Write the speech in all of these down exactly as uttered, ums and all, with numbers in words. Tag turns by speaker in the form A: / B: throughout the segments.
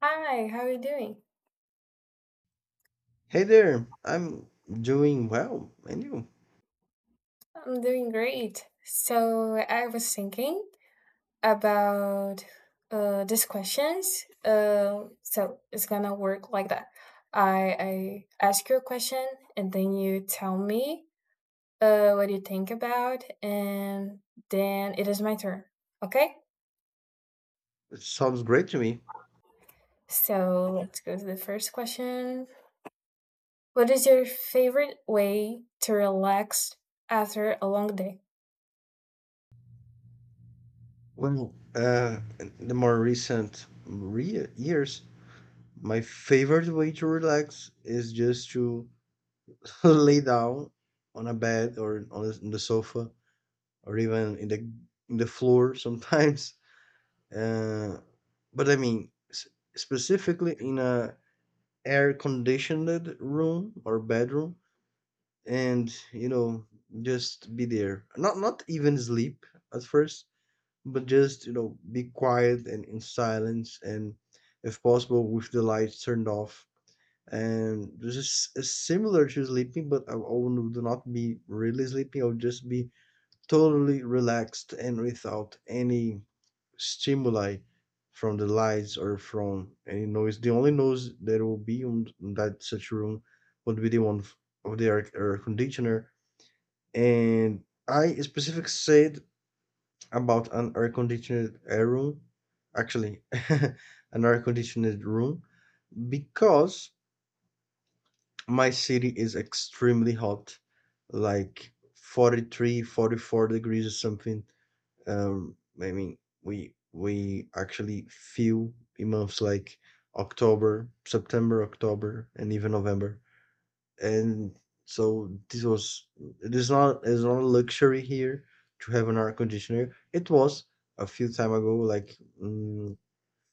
A: Hi, how are you doing?
B: Hey there, I'm doing well, and you?
A: I'm doing great. So I was thinking about uh these questions. Uh, so it's gonna work like that. I I ask you a question and then you tell me uh what you think about, and then it is my turn. Okay?
B: It sounds great to me.
A: So let's go to the first question. What is your favorite way to relax after a long day?
B: Well, uh, in the more recent re- years, my favorite way to relax is just to lay down on a bed or on the, on the sofa or even in the in the floor sometimes. Uh, but I mean, s- specifically in a air conditioned room or bedroom, and you know, just be there, not not even sleep at first, but just you know be quiet and in silence, and if possible with the lights turned off. And this is s- similar to sleeping, but i I will do not be really sleeping, I'll just be totally relaxed and without any stimuli from the lights or from any noise. The only noise that will be on on that such room would be the one of the air, air conditioner. And I specifically said about an air conditioned air room, actually, an air conditioned room, because my city is extremely hot, like forty-three, forty-four degrees or something. Um, I mean, we we actually feel in months like October, September, October, and even November. And so this was it is not it's not a luxury here to have an air conditioner. It was a few time ago like mm,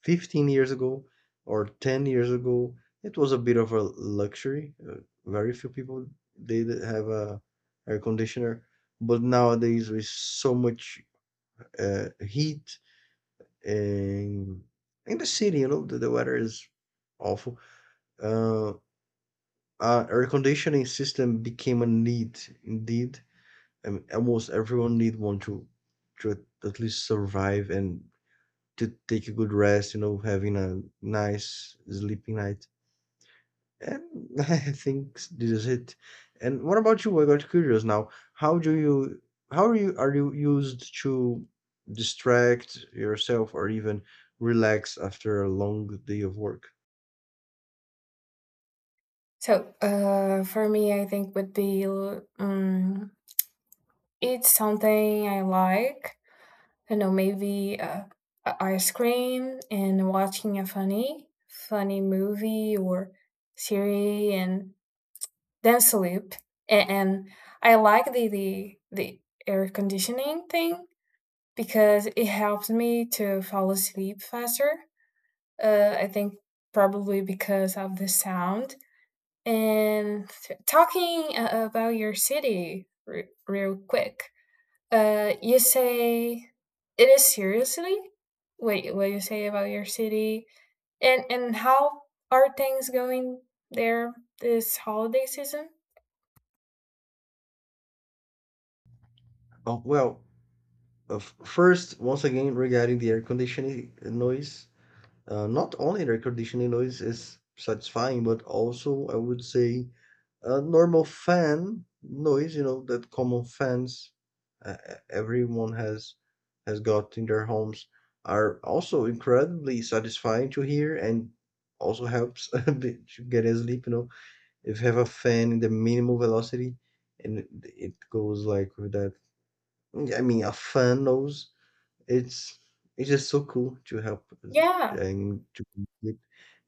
B: fifteen years ago or ten years ago it was a bit of a luxury. uh, very few people did have a air conditioner, but nowadays with so much uh, heat and in the city, you know, the, the weather is awful. Uh, uh, air conditioning system became a need indeed. I mean, almost everyone need one to to at at least survive and to take a good rest. You know, having a nice sleeping night. And I think this is it. And what about you? I got curious now. How do you? How are you? Are you used to distract yourself or even relax after a long day of work?
A: So, uh, for me, I think would be um, eat something I like. You know, maybe uh, a ice cream and watching a funny, funny movie or series, and then sleep. And, and I like the, the the air conditioning thing because it helps me to fall asleep faster. Uh, I think probably because of the sound. And talking uh, about your city re- real quick, uh, you say it is seriously? Wait, what you say about your city? And and how are things going there this holiday season?
B: Oh well, Uh, f- first, once again, regarding the air conditioning noise, uh, not only the air conditioning noise is satisfying, but also I would say a normal fan noise, you know, that common fans uh, e- everyone has has got in their homes are also incredibly satisfying to hear and also helps a bit to get asleep, you know. If you have a fan in the minimal velocity and it it goes like with that, I mean, a fan nose it's it's just so cool to help us
A: Yeah.
B: and to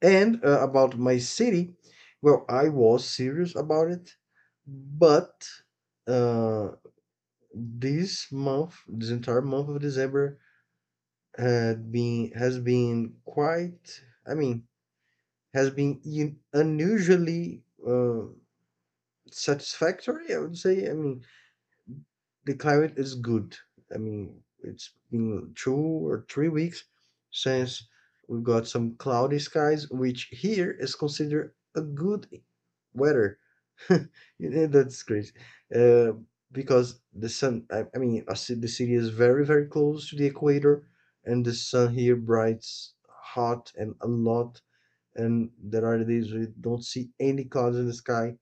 B: and uh, about my city, well, I was serious about it, but uh, this month, this entire month of December, had been has been quite. I mean, has been un- unusually uh, satisfactory, I would say. I mean, the climate is good. I mean, it's been two or three weeks since we've got some cloudy skies, which here is considered a good weather. That's crazy. Uh, because the sun, I, I mean, I see the city is very, very close to the equator, and the sun here brights hot and a lot. And there are days we don't see any clouds in the sky,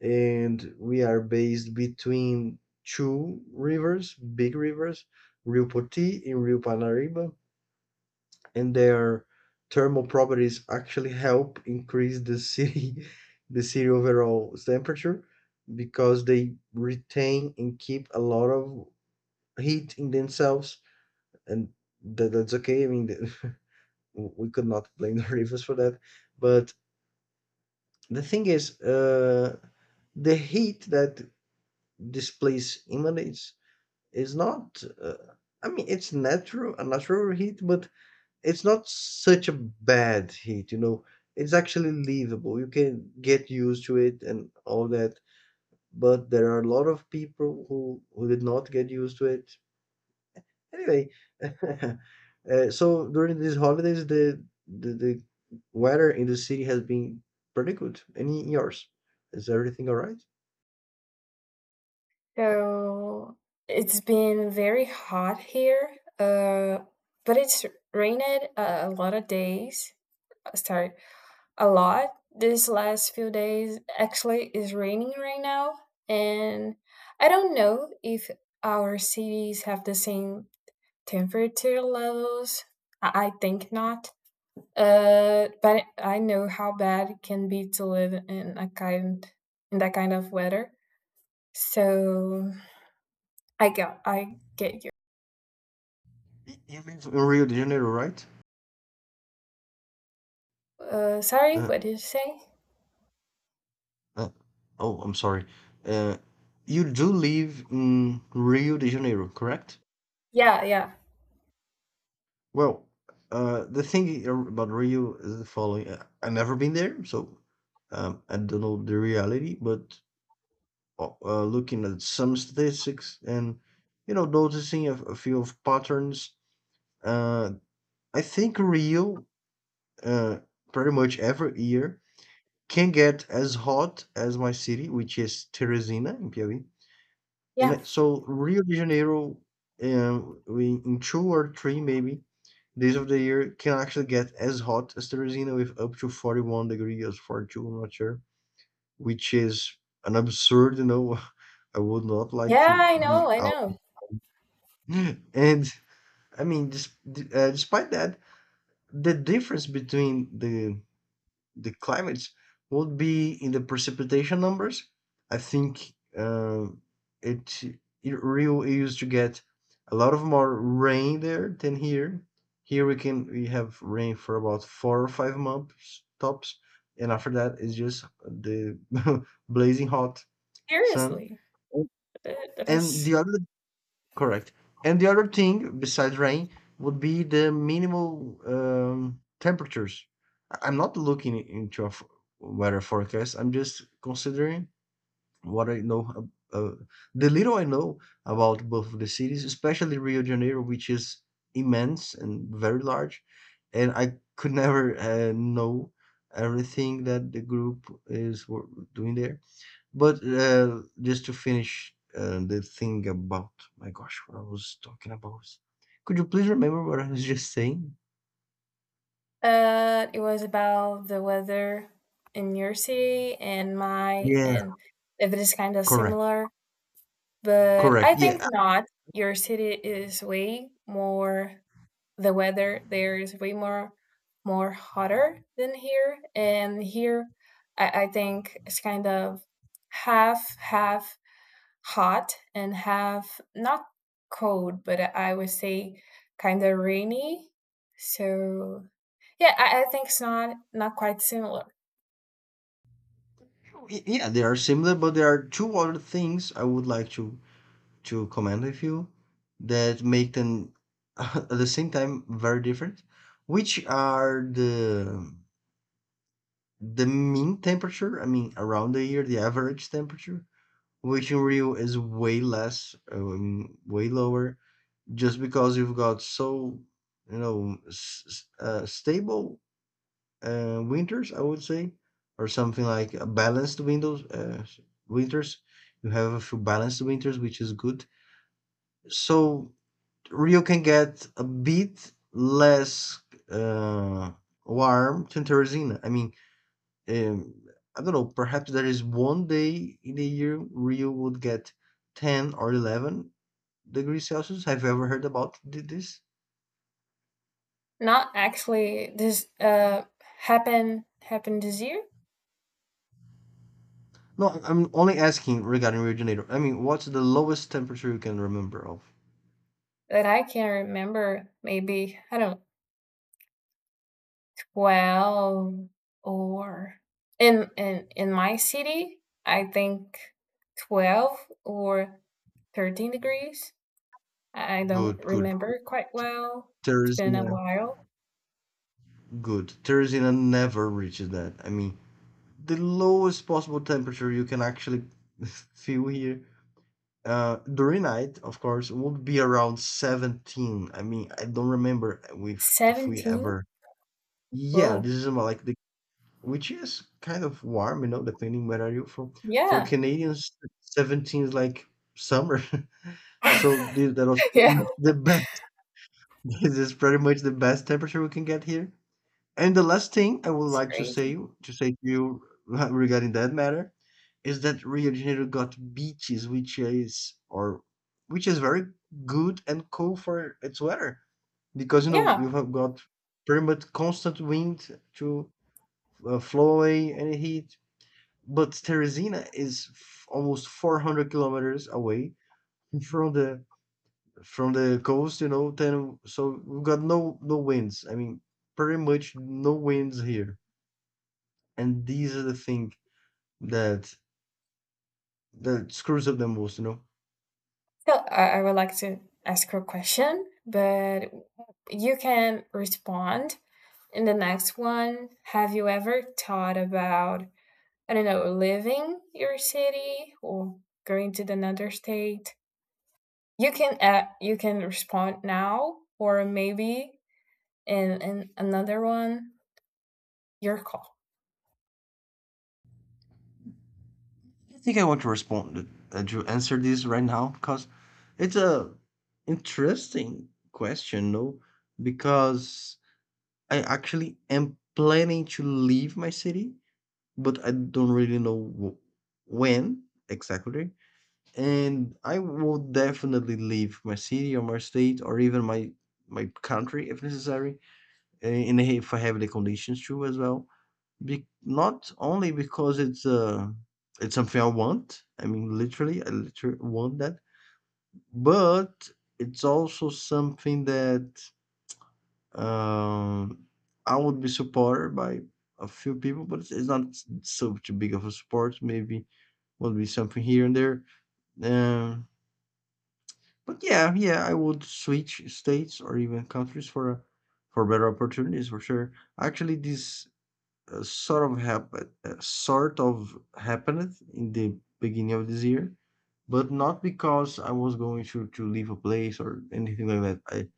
B: and we are based between two rivers, big rivers, Rio Poti and Rio Parnaíba, and their thermal properties actually help increase the city the city overall temperature because they retain and keep a lot of heat in themselves. And that, that's okay. I mean the, we could not blame the rivers for that, but the thing is uh, the heat that this place emanates is not uh, I mean, it's natural, a natural heat, but it's not such a bad heat, you know. It's actually livable. You can get used to it and all that. But there are a lot of people who who did not get used to it. Anyway, uh, so during these holidays, the, the the weather in the city has been pretty good. Any yours? Is everything all right?
A: So it's been very hot here. Uh, but it's rained uh, a lot of days. Uh, Sorry, a lot this last few days. Actually, is raining right now, and I don't know if our cities have the same temperature levels. I I think not. Uh, but I know how bad it can be to live in a kind in that kind of weather. So I got. I get you.
B: Y- You live in Rio de Janeiro, right?
A: Uh, sorry,
B: Uh,
A: what did you say?
B: uh, oh, I'm sorry. Uh, you do live in Rio de Janeiro, correct?
A: Yeah, yeah,
B: Well, uh, the thing about Rio is the following. uh, I've never been there, so um, I don't know the reality. But uh, uh, looking at some statistics and you know noticing a, a few of patterns, uh, I think Rio uh, pretty much every year can get as hot as my city, which is Teresina in Piauí. And
A: yeah,
B: it- so Rio de Janeiro, um, we in two or three maybe days of the year can actually get as hot as Teresina with up to forty-one degrees, forty-two, I'm not sure, which is an absurd, you know. I would not like
A: yeah.
B: to
A: I know,
B: be
A: I
B: out.
A: know.
B: And I mean, dis- d- uh, despite that, the difference between the the climates would be in the precipitation numbers. I think uh, it, it Rio used to get a lot of more rain there than here. Here we can we have rain for about four or five months tops, and after that it's just the blazing hot sun.
A: Seriously, that that
B: And
A: is.
B: the other correct. And the other thing besides rain would be the minimal um, temperatures. I- I'm not looking into a f- weather forecast. I'm just considering what I know, ab- uh, the little I know about both of the cities, especially Rio de Janeiro, which is immense and very large. And I could never uh, know everything that the group is wor- doing there. But, uh, just to finish, uh, the thing about my gosh, what I was talking about. Could you please remember what I was just saying?
A: Uh, it was about the weather in your city and my,
B: Yeah,
A: and if it is kind of
B: correct,
A: similar, but I
B: correct.
A: think
B: Yeah,
A: not. Your city is way more, the weather there is way more, more hotter than here. And here, I, I think it's kind of half, half hot and have not cold, but I would say kind of rainy. So yeah, I, I think it's not not quite similar.
B: y- yeah, they are similar, but there are two other things I would like to to comment with you that make them at the same time very different, which are the the mean temperature. I mean, around the year, the average temperature, which in Rio is way less, um, way lower, just because you've got so you know s- s- uh, stable uh, winters, I would say, or something like a balanced windows uh, s- winters. You have a few balanced winters, which is good. So Rio can get a bit less uh, warm than Teresina. I mean, um, I don't know, perhaps there is one day in the year Rio would get ten or eleven degrees Celsius. Have you ever heard about thi- this?
A: Not actually this uh happened happened this year
B: No, I'm only asking regarding originator. I mean, what's the lowest temperature you can remember of?
A: that I can remember. Maybe I don't know, twelve or in in in my city I think twelve or thirteen degrees. I I don't
B: Good, good.
A: remember quite well. It's been a
B: Teresina,
A: while.
B: good. Teresina never reaches that. I mean, the lowest possible temperature you can actually feel here uh, during night, of course, would be around seventeen. I mean, I don't remember if if we
A: seventeen?
B: ever. Yeah, this
A: Whoa.
B: is about like the which is kind of warm, you know, depending where are you from. For
A: Yeah.
B: Canadians, seventeen is like summer. So this that was pretty
A: Yeah.
B: much the best. This is pretty much the best temperature we can get here. And the last thing I would
A: It's
B: like to
A: crazy.
B: say to say to you regarding that matter is that Rio de Janeiro got beaches, which is or which is very good and cool for its weather because you know
A: Yeah.
B: you have got pretty much constant wind to uh, flow away any heat. But Teresina is f- almost four hundred kilometers away from the from the coast, you know, then so we got no no winds. I mean, pretty much no winds here. And these are the thing that that screws up the most, you know.
A: So I, I would like to ask her a question, but you can respond in the next one. Have you ever thought about, I don't know, leaving your city or going to another state? You can uh, you can respond now, or maybe in, in another one. Your call.
B: I think I want to respond uh, to answer this right now because it's a interesting question, no? Because I actually am planning to leave my city, but I don't really know wh- when exactly. And I would definitely leave my city or my state or even my my country if necessary, and if I have the conditions to as well. Be- not only because it's uh it's something I want. I mean, literally, I literally want that, but it's also something that um I would be supported by a few people, but it's it's not so too big of a support. Maybe would be something here and there. Um, But yeah, yeah, I would switch states or even countries for a, for better opportunities for sure. Actually, this uh, sort of happened, uh, uh, sort of happened in the beginning of this year, but not because I was going to to leave a place or anything like that. I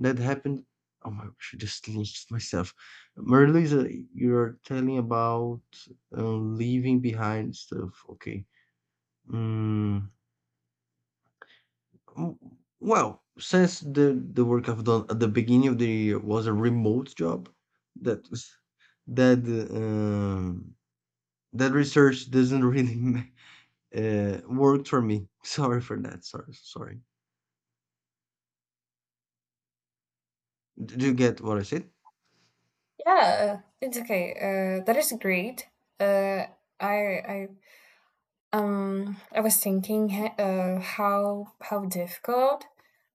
B: that happened. Oh my gosh, I just lost myself. Marilisa, you're telling about uh, leaving behind stuff. Okay. Mm, W- well, since the the work I've done at the beginning of the year was a remote job, that was- that um, that research doesn't really ma- uh, work for me. Sorry for that. Sorry, sorry. Did you get what I said?
A: Yeah, it's okay. Uh, that is great. Uh, I I um I was thinking h- uh how how difficult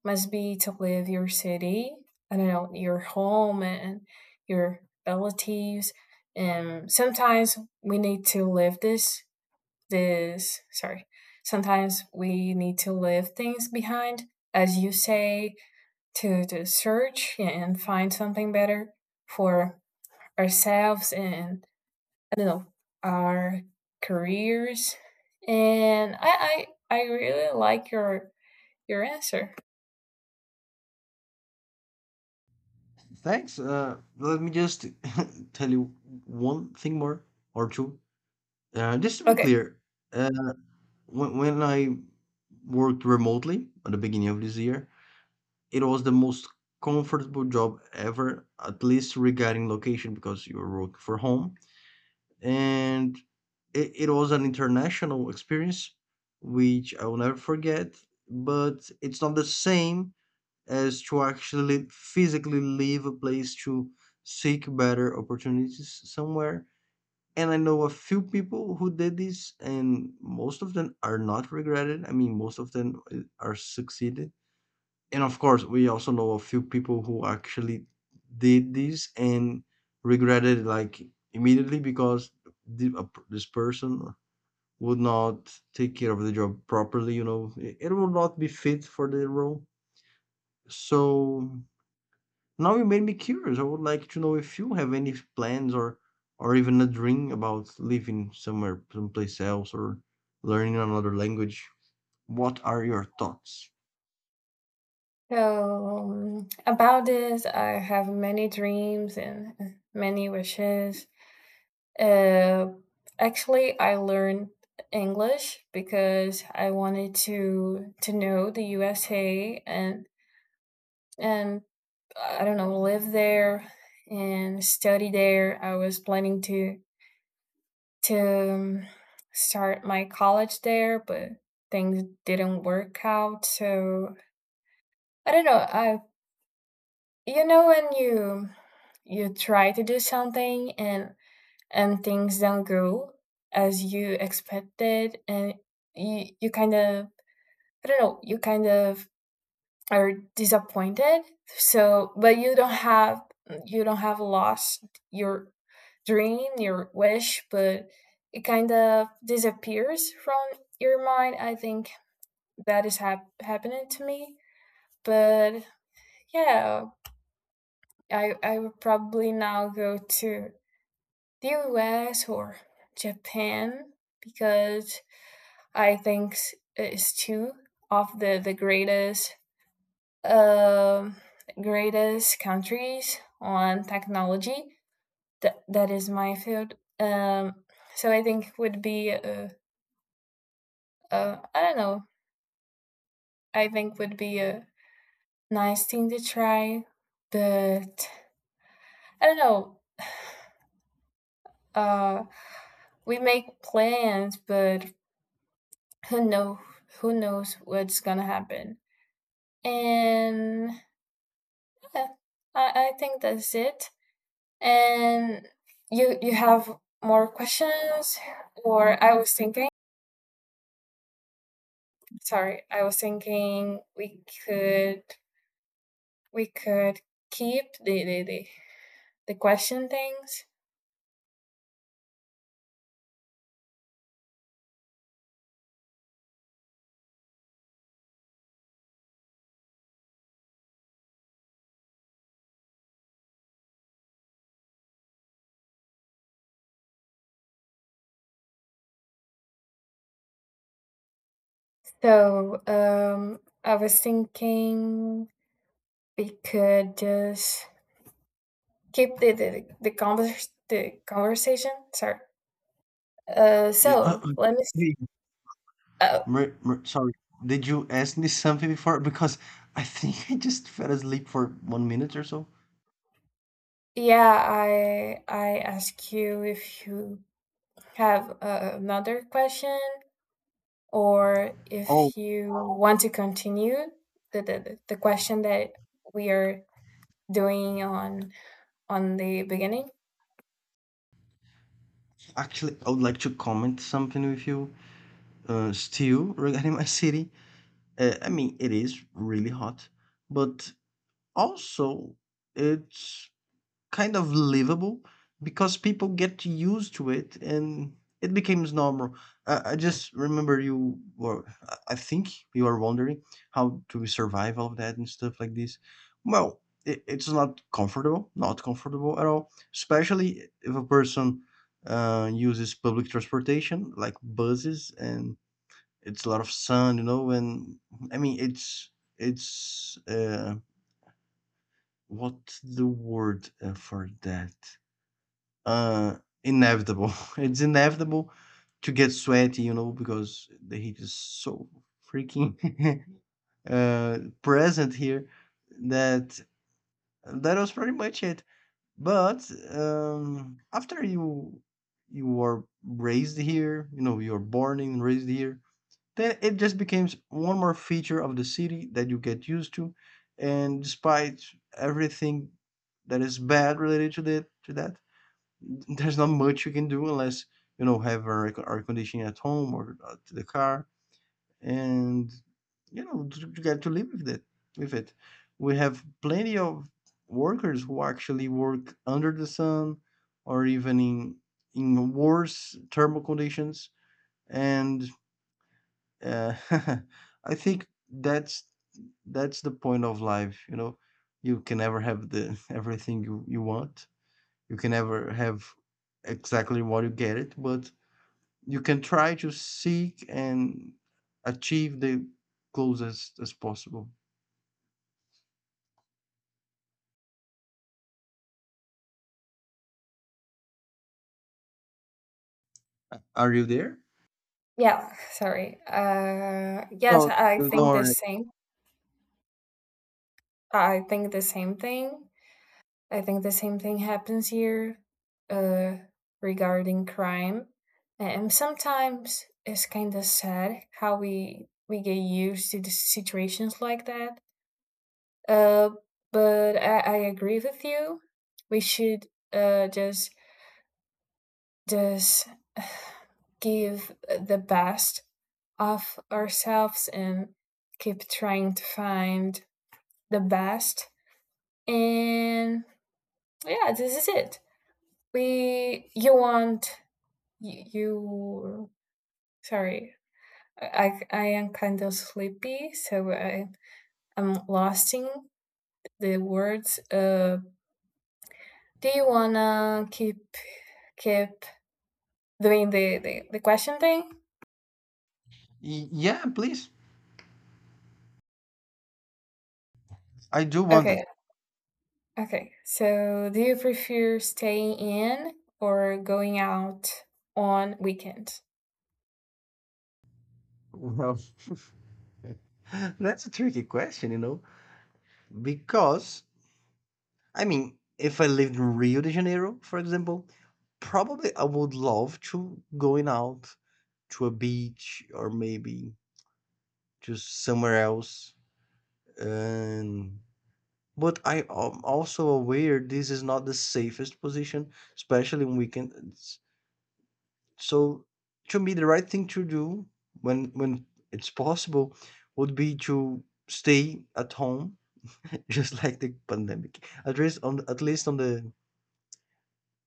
A: must be to leave your city. I don't know, your home and your relatives, and sometimes we need to leave this this sorry. Sometimes we need to leave things behind, as you say, to to search and find something better for ourselves and, I don't know, our careers. And I I, I really like your your answer.
B: Thanks. Uh, let me just tell you one thing more or two. Uh, just to be
A: Okay.
B: clear, uh, when, when I worked remotely at the beginning of this year, it was the most comfortable job ever, at least regarding location, because you were working for home. And it, it was an international experience, which I will never forget, but it's not the same as to actually physically leave a place to seek better opportunities somewhere, and I know a few people who did this, and most of them are not regretted. I mean, most of them uh, are succeeded. And of course, we also know a few people who actually did this and regretted it, like immediately because the, a p this person would not take care of the job properly. You know, it, it will not be fit for the role. So now you made me curious. I would like to know if you have any plans or or even a dream about living somewhere, someplace else, or learning another language. What are your thoughts?
A: So um, about this, I have many dreams and many wishes. Uh, actually, I learned English because I wanted to to know the U S A and and I don't know, live there and study there. I was planning to to um, start my college there, but things didn't work out. So I don't know. I, you know, when you you try to do something and and things don't go as you expected, and you you kind of, I don't know, you kind of are disappointed. So, but you don't have you don't have lost your dream, your wish, but it kind of disappears from your mind. I think that is hap- happening to me. But yeah, I, I would probably now go to the U S or Japan, because I think it's two of the, the greatest um, greatest countries on technology. That, that is my field. Um, so I think would be a uh, I don't know, I think would be a nice thing to try, but I don't know. Uh, we make plans, but who know who knows what's gonna happen. And yeah, I, I think that's it. And you you have more questions, or I was thinking. Sorry, I was thinking we could we could keep the the the, the question things. So, um, I was thinking we could just keep the the, the convers the conversation. Sorry. Uh,
B: Yeah, uh,
A: so
B: uh,
A: let me. s-
B: hey,
A: Uh,
B: Mer- Mer- sorry, did you ask me something before? Because I think I just fell asleep for one minute or so.
A: yeah, I I ask you if you have uh, another question, or
B: Oh,
A: if you want to continue the, the the the question that we are doing on on the beginning.
B: actually, I would like to comment something with you, uh, still regarding my city. Uh, I mean, it is really hot, but also it's kind of livable because people get used to it and it becomes normal. I, I just remember you were, I I think you were wondering how to survive all of that and stuff like this. Well, it, it's not comfortable, not comfortable at all, especially if a person uh, uses public transportation like buses, and it's a lot of sun, you know. And I mean, it's, it's, uh, what the word uh, for that? Uh, inevitable. It's inevitable to get sweaty, you know, because the heat is so freaking uh, present here, that that was pretty much it. But um, after you you were raised here, you know, you are born and raised here, then it just becomes one more feature of the city that you get used to. And despite everything that is bad related to that, to that, there's not much you can do unless you know have air, air conditioning at home or uh, the car, and you know to get to live with it. With it, we have plenty of workers who actually work under the sun or even in in worse thermal conditions, and uh, I think that's that's the point of life. You know, you can never have the everything you, you want, you can never have exactly what you get it, but you can try to seek and achieve the goals as, as possible. Are you there?
A: Yeah, sorry. Uh, yes,
B: No,
A: I
B: don't
A: think the
B: worry.
A: same. I think the same thing. I think the same thing happens here, uh, regarding crime, and sometimes it's kind of sad how we we get used to the situations like that. Uh, but I, I agree with you. We should uh, just just give the best of ourselves and keep trying to find the best. And yeah, this is it. We you want you, you sorry. I, I am kind of sleepy, so I, I'm losing the words. Uh, do you wanna keep keep doing the, the, the question thing?
B: Y- yeah, please. I do want it.
A: Okay, okay. So, do you prefer staying in or going out on weekend?
B: Well, that's a tricky question, you know, because I mean, if I lived in Rio de Janeiro, for example, probably I would love to going out to a beach or maybe just somewhere else. And but I am also aware this is not the safest position, especially in weekends. So to me, the right thing to do when when it's possible would be to stay at home, just like the pandemic. At least on at least on the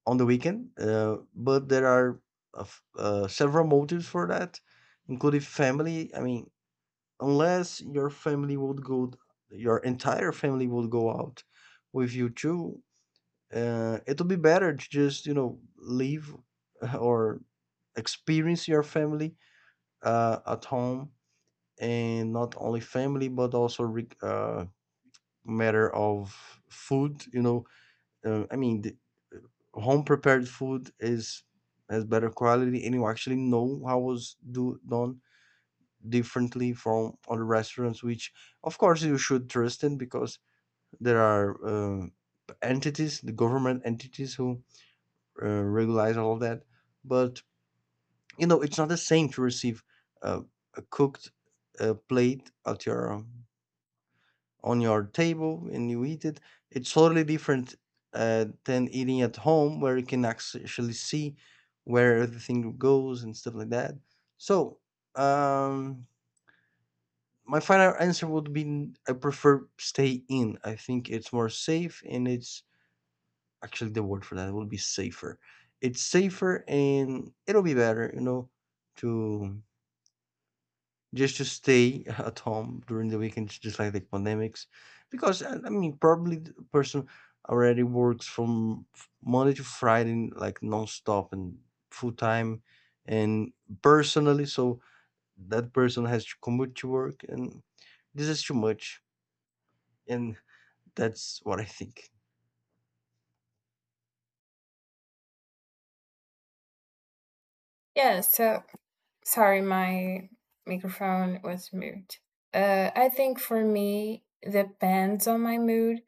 B: on the weekend. Uh, but there are uh, f- uh, several motives for that, including family. I mean, unless your family would go your entire family would go out with you too, uh, it would be better to just you know leave or experience your family uh, at home, and not only family but also re- uh, matter of food, you know. Uh, i mean the home prepared food is has better quality and you actually know how was do done differently from other restaurants, which of course you should trust in because there are um, entities, the government entities who uh, regulate all of that. But you know, it's not the same to receive uh, a cooked uh, plate at your um, on your table and you eat it. It's totally different uh, than eating at home, where you can actually see where everything goes and stuff like that. So. Um, my final answer would be I prefer stay in. I think it's more safe, and it's actually the word for that will be safer. It's safer and it'll be better, you know, to just to stay at home during the weekends, just like the pandemics, because I I mean probably the person already works from f- Monday to Friday like nonstop and full time, and personally, so that person has to commute to work, and this is too much, and that's what I think.
A: Yeah, so sorry, my microphone was mute. Uh, I think for me, depends on my mood.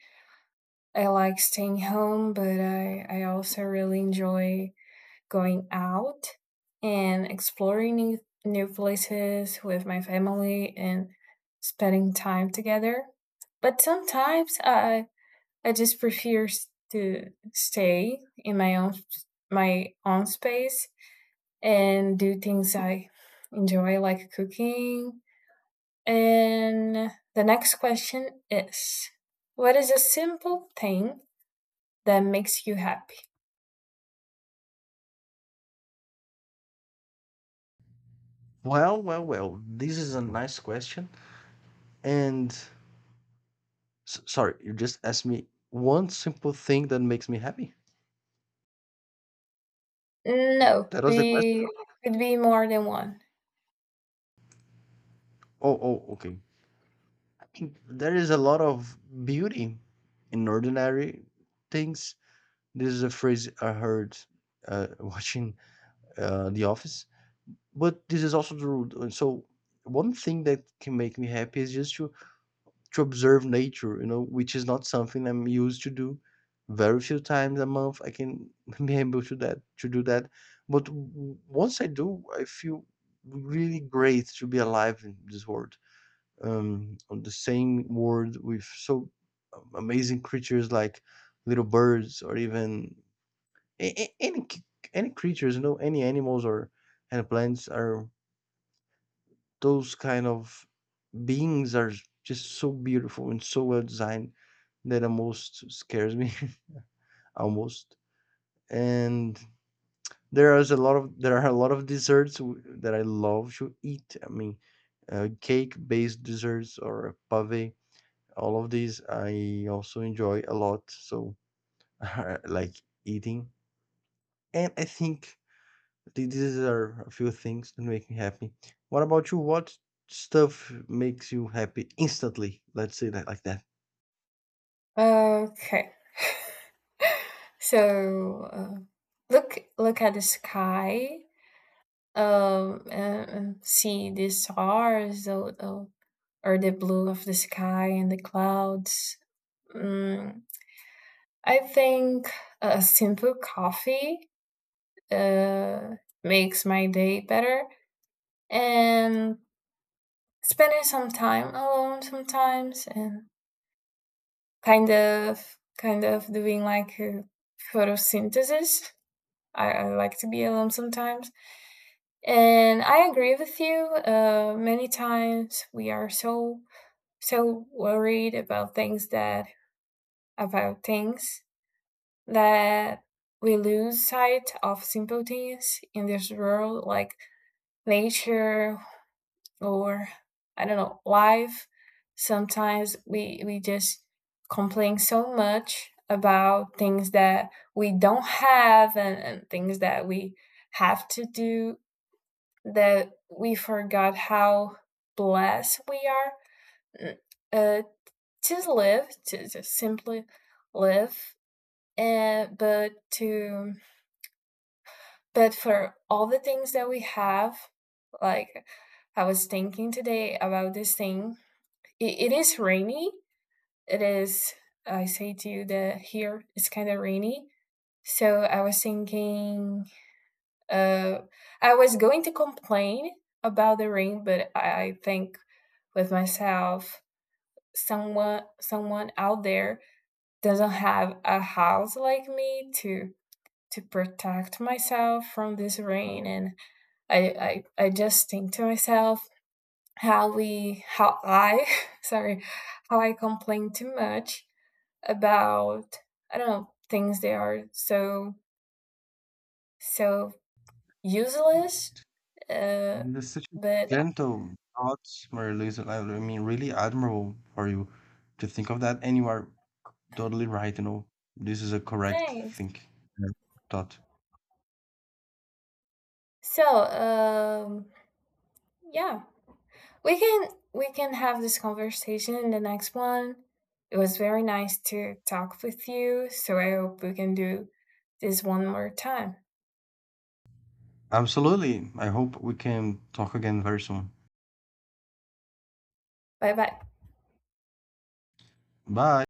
A: I like staying home, but I, I also really enjoy going out and exploring new, new places with my family and spending time together. But sometimes I I just prefer to stay in my own my own space and do things I enjoy, like cooking. And the next question is, what is a simple thing that makes you happy?
B: Well, well, well, this is a nice question. And S sorry, you just asked me one simple thing that makes me happy?
A: No,
B: That was the question?
A: be could be more than one.
B: Oh, oh, okay. I think there is a lot of beauty in ordinary things. This is a phrase I heard uh, watching uh, The Office, but this is also the rule. So one thing that can make me happy is just to to observe nature, you know, which is not something I'm used to do. Very few times a month I can be able to that to do that. But w- once I do, I feel really great to be alive in this world. Um, on the same world with so um, amazing creatures like little birds or even a- a- any c- any creatures, you know, any animals or any plants are those kind of beings are just so beautiful and so well designed that almost scares me, almost. And there is a lot of there are a lot of desserts w- that I love to eat. I mean, uh, cake-based desserts or pave, all of these I also enjoy a lot. So I like eating, and I think th- these are a few things that make me happy. What about you? What stuff makes you happy instantly? Let's say that like that.
A: Okay. So uh, look look at the sky, um and, and see the stars, or, or or the blue of the sky and the clouds. Mm, I think a simple coffee uh, makes my day better, and spending some time alone sometimes, and kind of kind of doing like a photosynthesis. I, I like to be alone sometimes. And I agree with you. Uh, many times we are so, so worried about things that, about things that we lose sight of simple things in this world, like nature or, I don't know, life. Sometimes we, we just complain so much about things that we don't have, and, and things that we have to do, that we forgot how blessed we are. Mm, uh, to live, to, to simply live, and uh, but to but for all the things that we have. Like, I was thinking today about this thing. It, it is rainy. It is. I say to you that here it's kind of rainy. So I was thinking. Uh, I was going to complain about the rain, but I, I think with myself, someone someone out there doesn't have a house like me to to protect myself from this rain. And I, I I just think to myself how we how I sorry, how I complain too much about, I don't know, things that are so so useless. Uh
B: That's such a
A: but uh,
B: gentle thoughts, Maria Luisa. I I mean, really admirable for you to think of that. And you are totally right, you know. This is a correct
A: Thanks.
B: think uh, thought.
A: So, um, yeah, we can we can have this conversation in the next one. It was very nice to talk with you, so I hope we can do this one more time.
B: Absolutely. I hope we can talk again very soon.
A: Bye bye.
B: Bye.